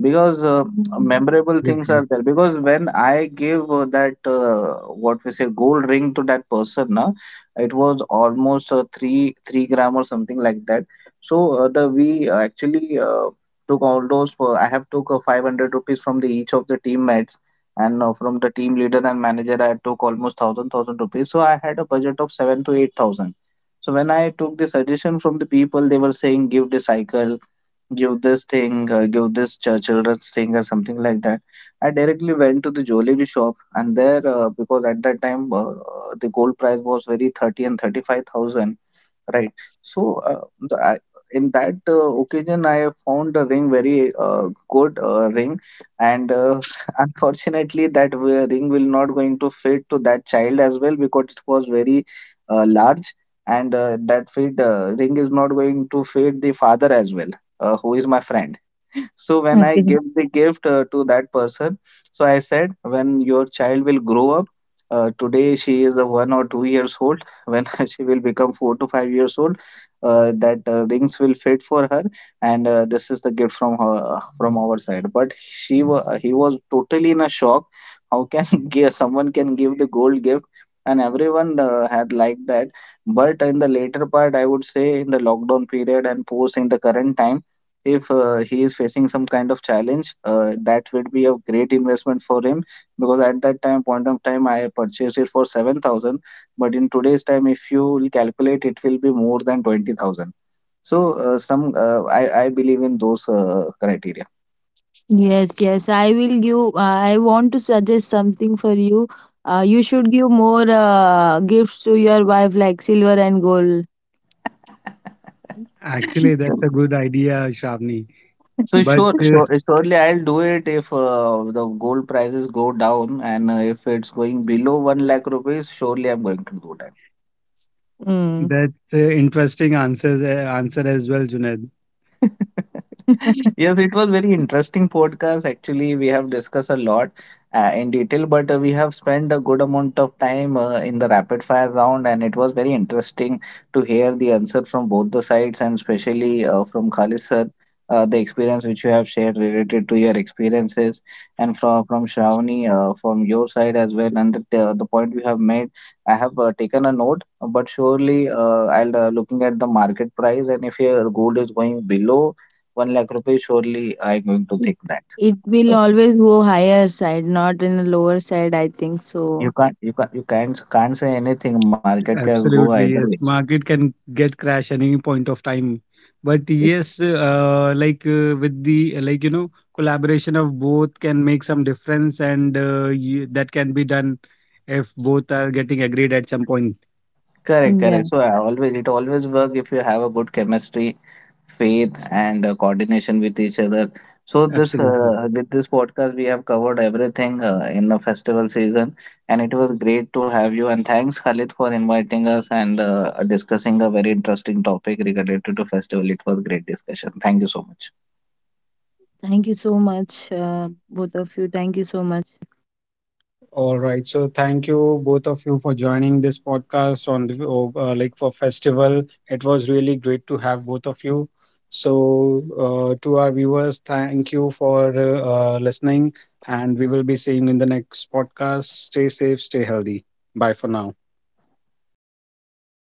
Because
Mm.
memorable things
Absolutely.
are there, because when I gave, that what we say, gold ring to that person, na, it was almost 3 3 gram or something like that. So the we actually took all those, I have took 500 rupees from the each of the teammates, and from the team leader and manager I took almost 1000 1000 rupees, so I had a budget of 7 to 8,000. So when I took the suggestion from the people, they were saying give the cycle, give this thing, give this children's thing, or something like that. I directly went to the jewelry shop, and there, because at that time the gold price was very 30 and 35,000. Right. So, in that occasion, I found the ring very good ring, and unfortunately, that ring will not going to fit to that child as well because it was very large, and that fit ring is not going to fit the father as well, who is my friend. So when I
Okay.
give the gift to that person, so I said, when your child will grow up, today she is a 1 or 2 years old. When she will become 4 to 5 years old, that rings will fit for her, and this is the gift from her from our side. But he was totally in a shock. How can someone can give the gold gift? And everyone had liked that. But in the later part, I would say in the lockdown period and post in the current time, if he is facing some kind of challenge, that would be a great investment for him, because at that time point of time I purchased it for 7,000, but in today's time if you will calculate, it will be more than 20,000. So some I believe in those criteria.
Yes, yes. I will give. I want to suggest something for you. You should give more gifts to your wife, like silver and gold.
Actually, that's a good idea, Shavni.
So
But
sure, sure, surely I'll do it if the gold prices go down and if it's going below 1 lakh rupees, surely I'm going to do that.
Mm.
that's interesting answer as well, Junaid.
Yes, it was very interesting podcast. Actually, we have discussed a lot in detail, but we have spent a good amount of time in the rapid fire round, and it was very interesting to hear the answer from both the sides, and especially from Khalid sir, the experience which you have shared related to your experiences, and from Shravani, from your side as well, and the point you have made, I have taken a note, but surely I'll, looking at the market price, and if your gold is going below 1 lakh rupees, surely I'm going to
It,
think that.
it will
So
always go higher side, not in a lower side, I think
you
so.
can't, you can't, you can't, can't say anything. Market can go
Absolutely,
either
yes.
ways.
Market can get crash any point of time. But
It,
yes, with the collaboration of both can make some difference, and that can be done if both are getting agreed at some point.
correct,
Yeah.
correct. So it always work if you have a good chemistry, faith and coordination with each other. So this
Absolutely.
with this podcast we have covered everything in the festival season, and it was great to have you. And thanks Khalid for inviting us and discussing a very interesting topic related to festival. It was great discussion. Thank you so much.
Thank you so much, both of you. Thank you so much.
All right. So thank you both of you for joining this podcast on the like for festival. It was really great to have both of you. So to our viewers, thank you for listening, and we will be seeing in the next podcast. Stay safe, stay healthy. Bye for now.
Thank you.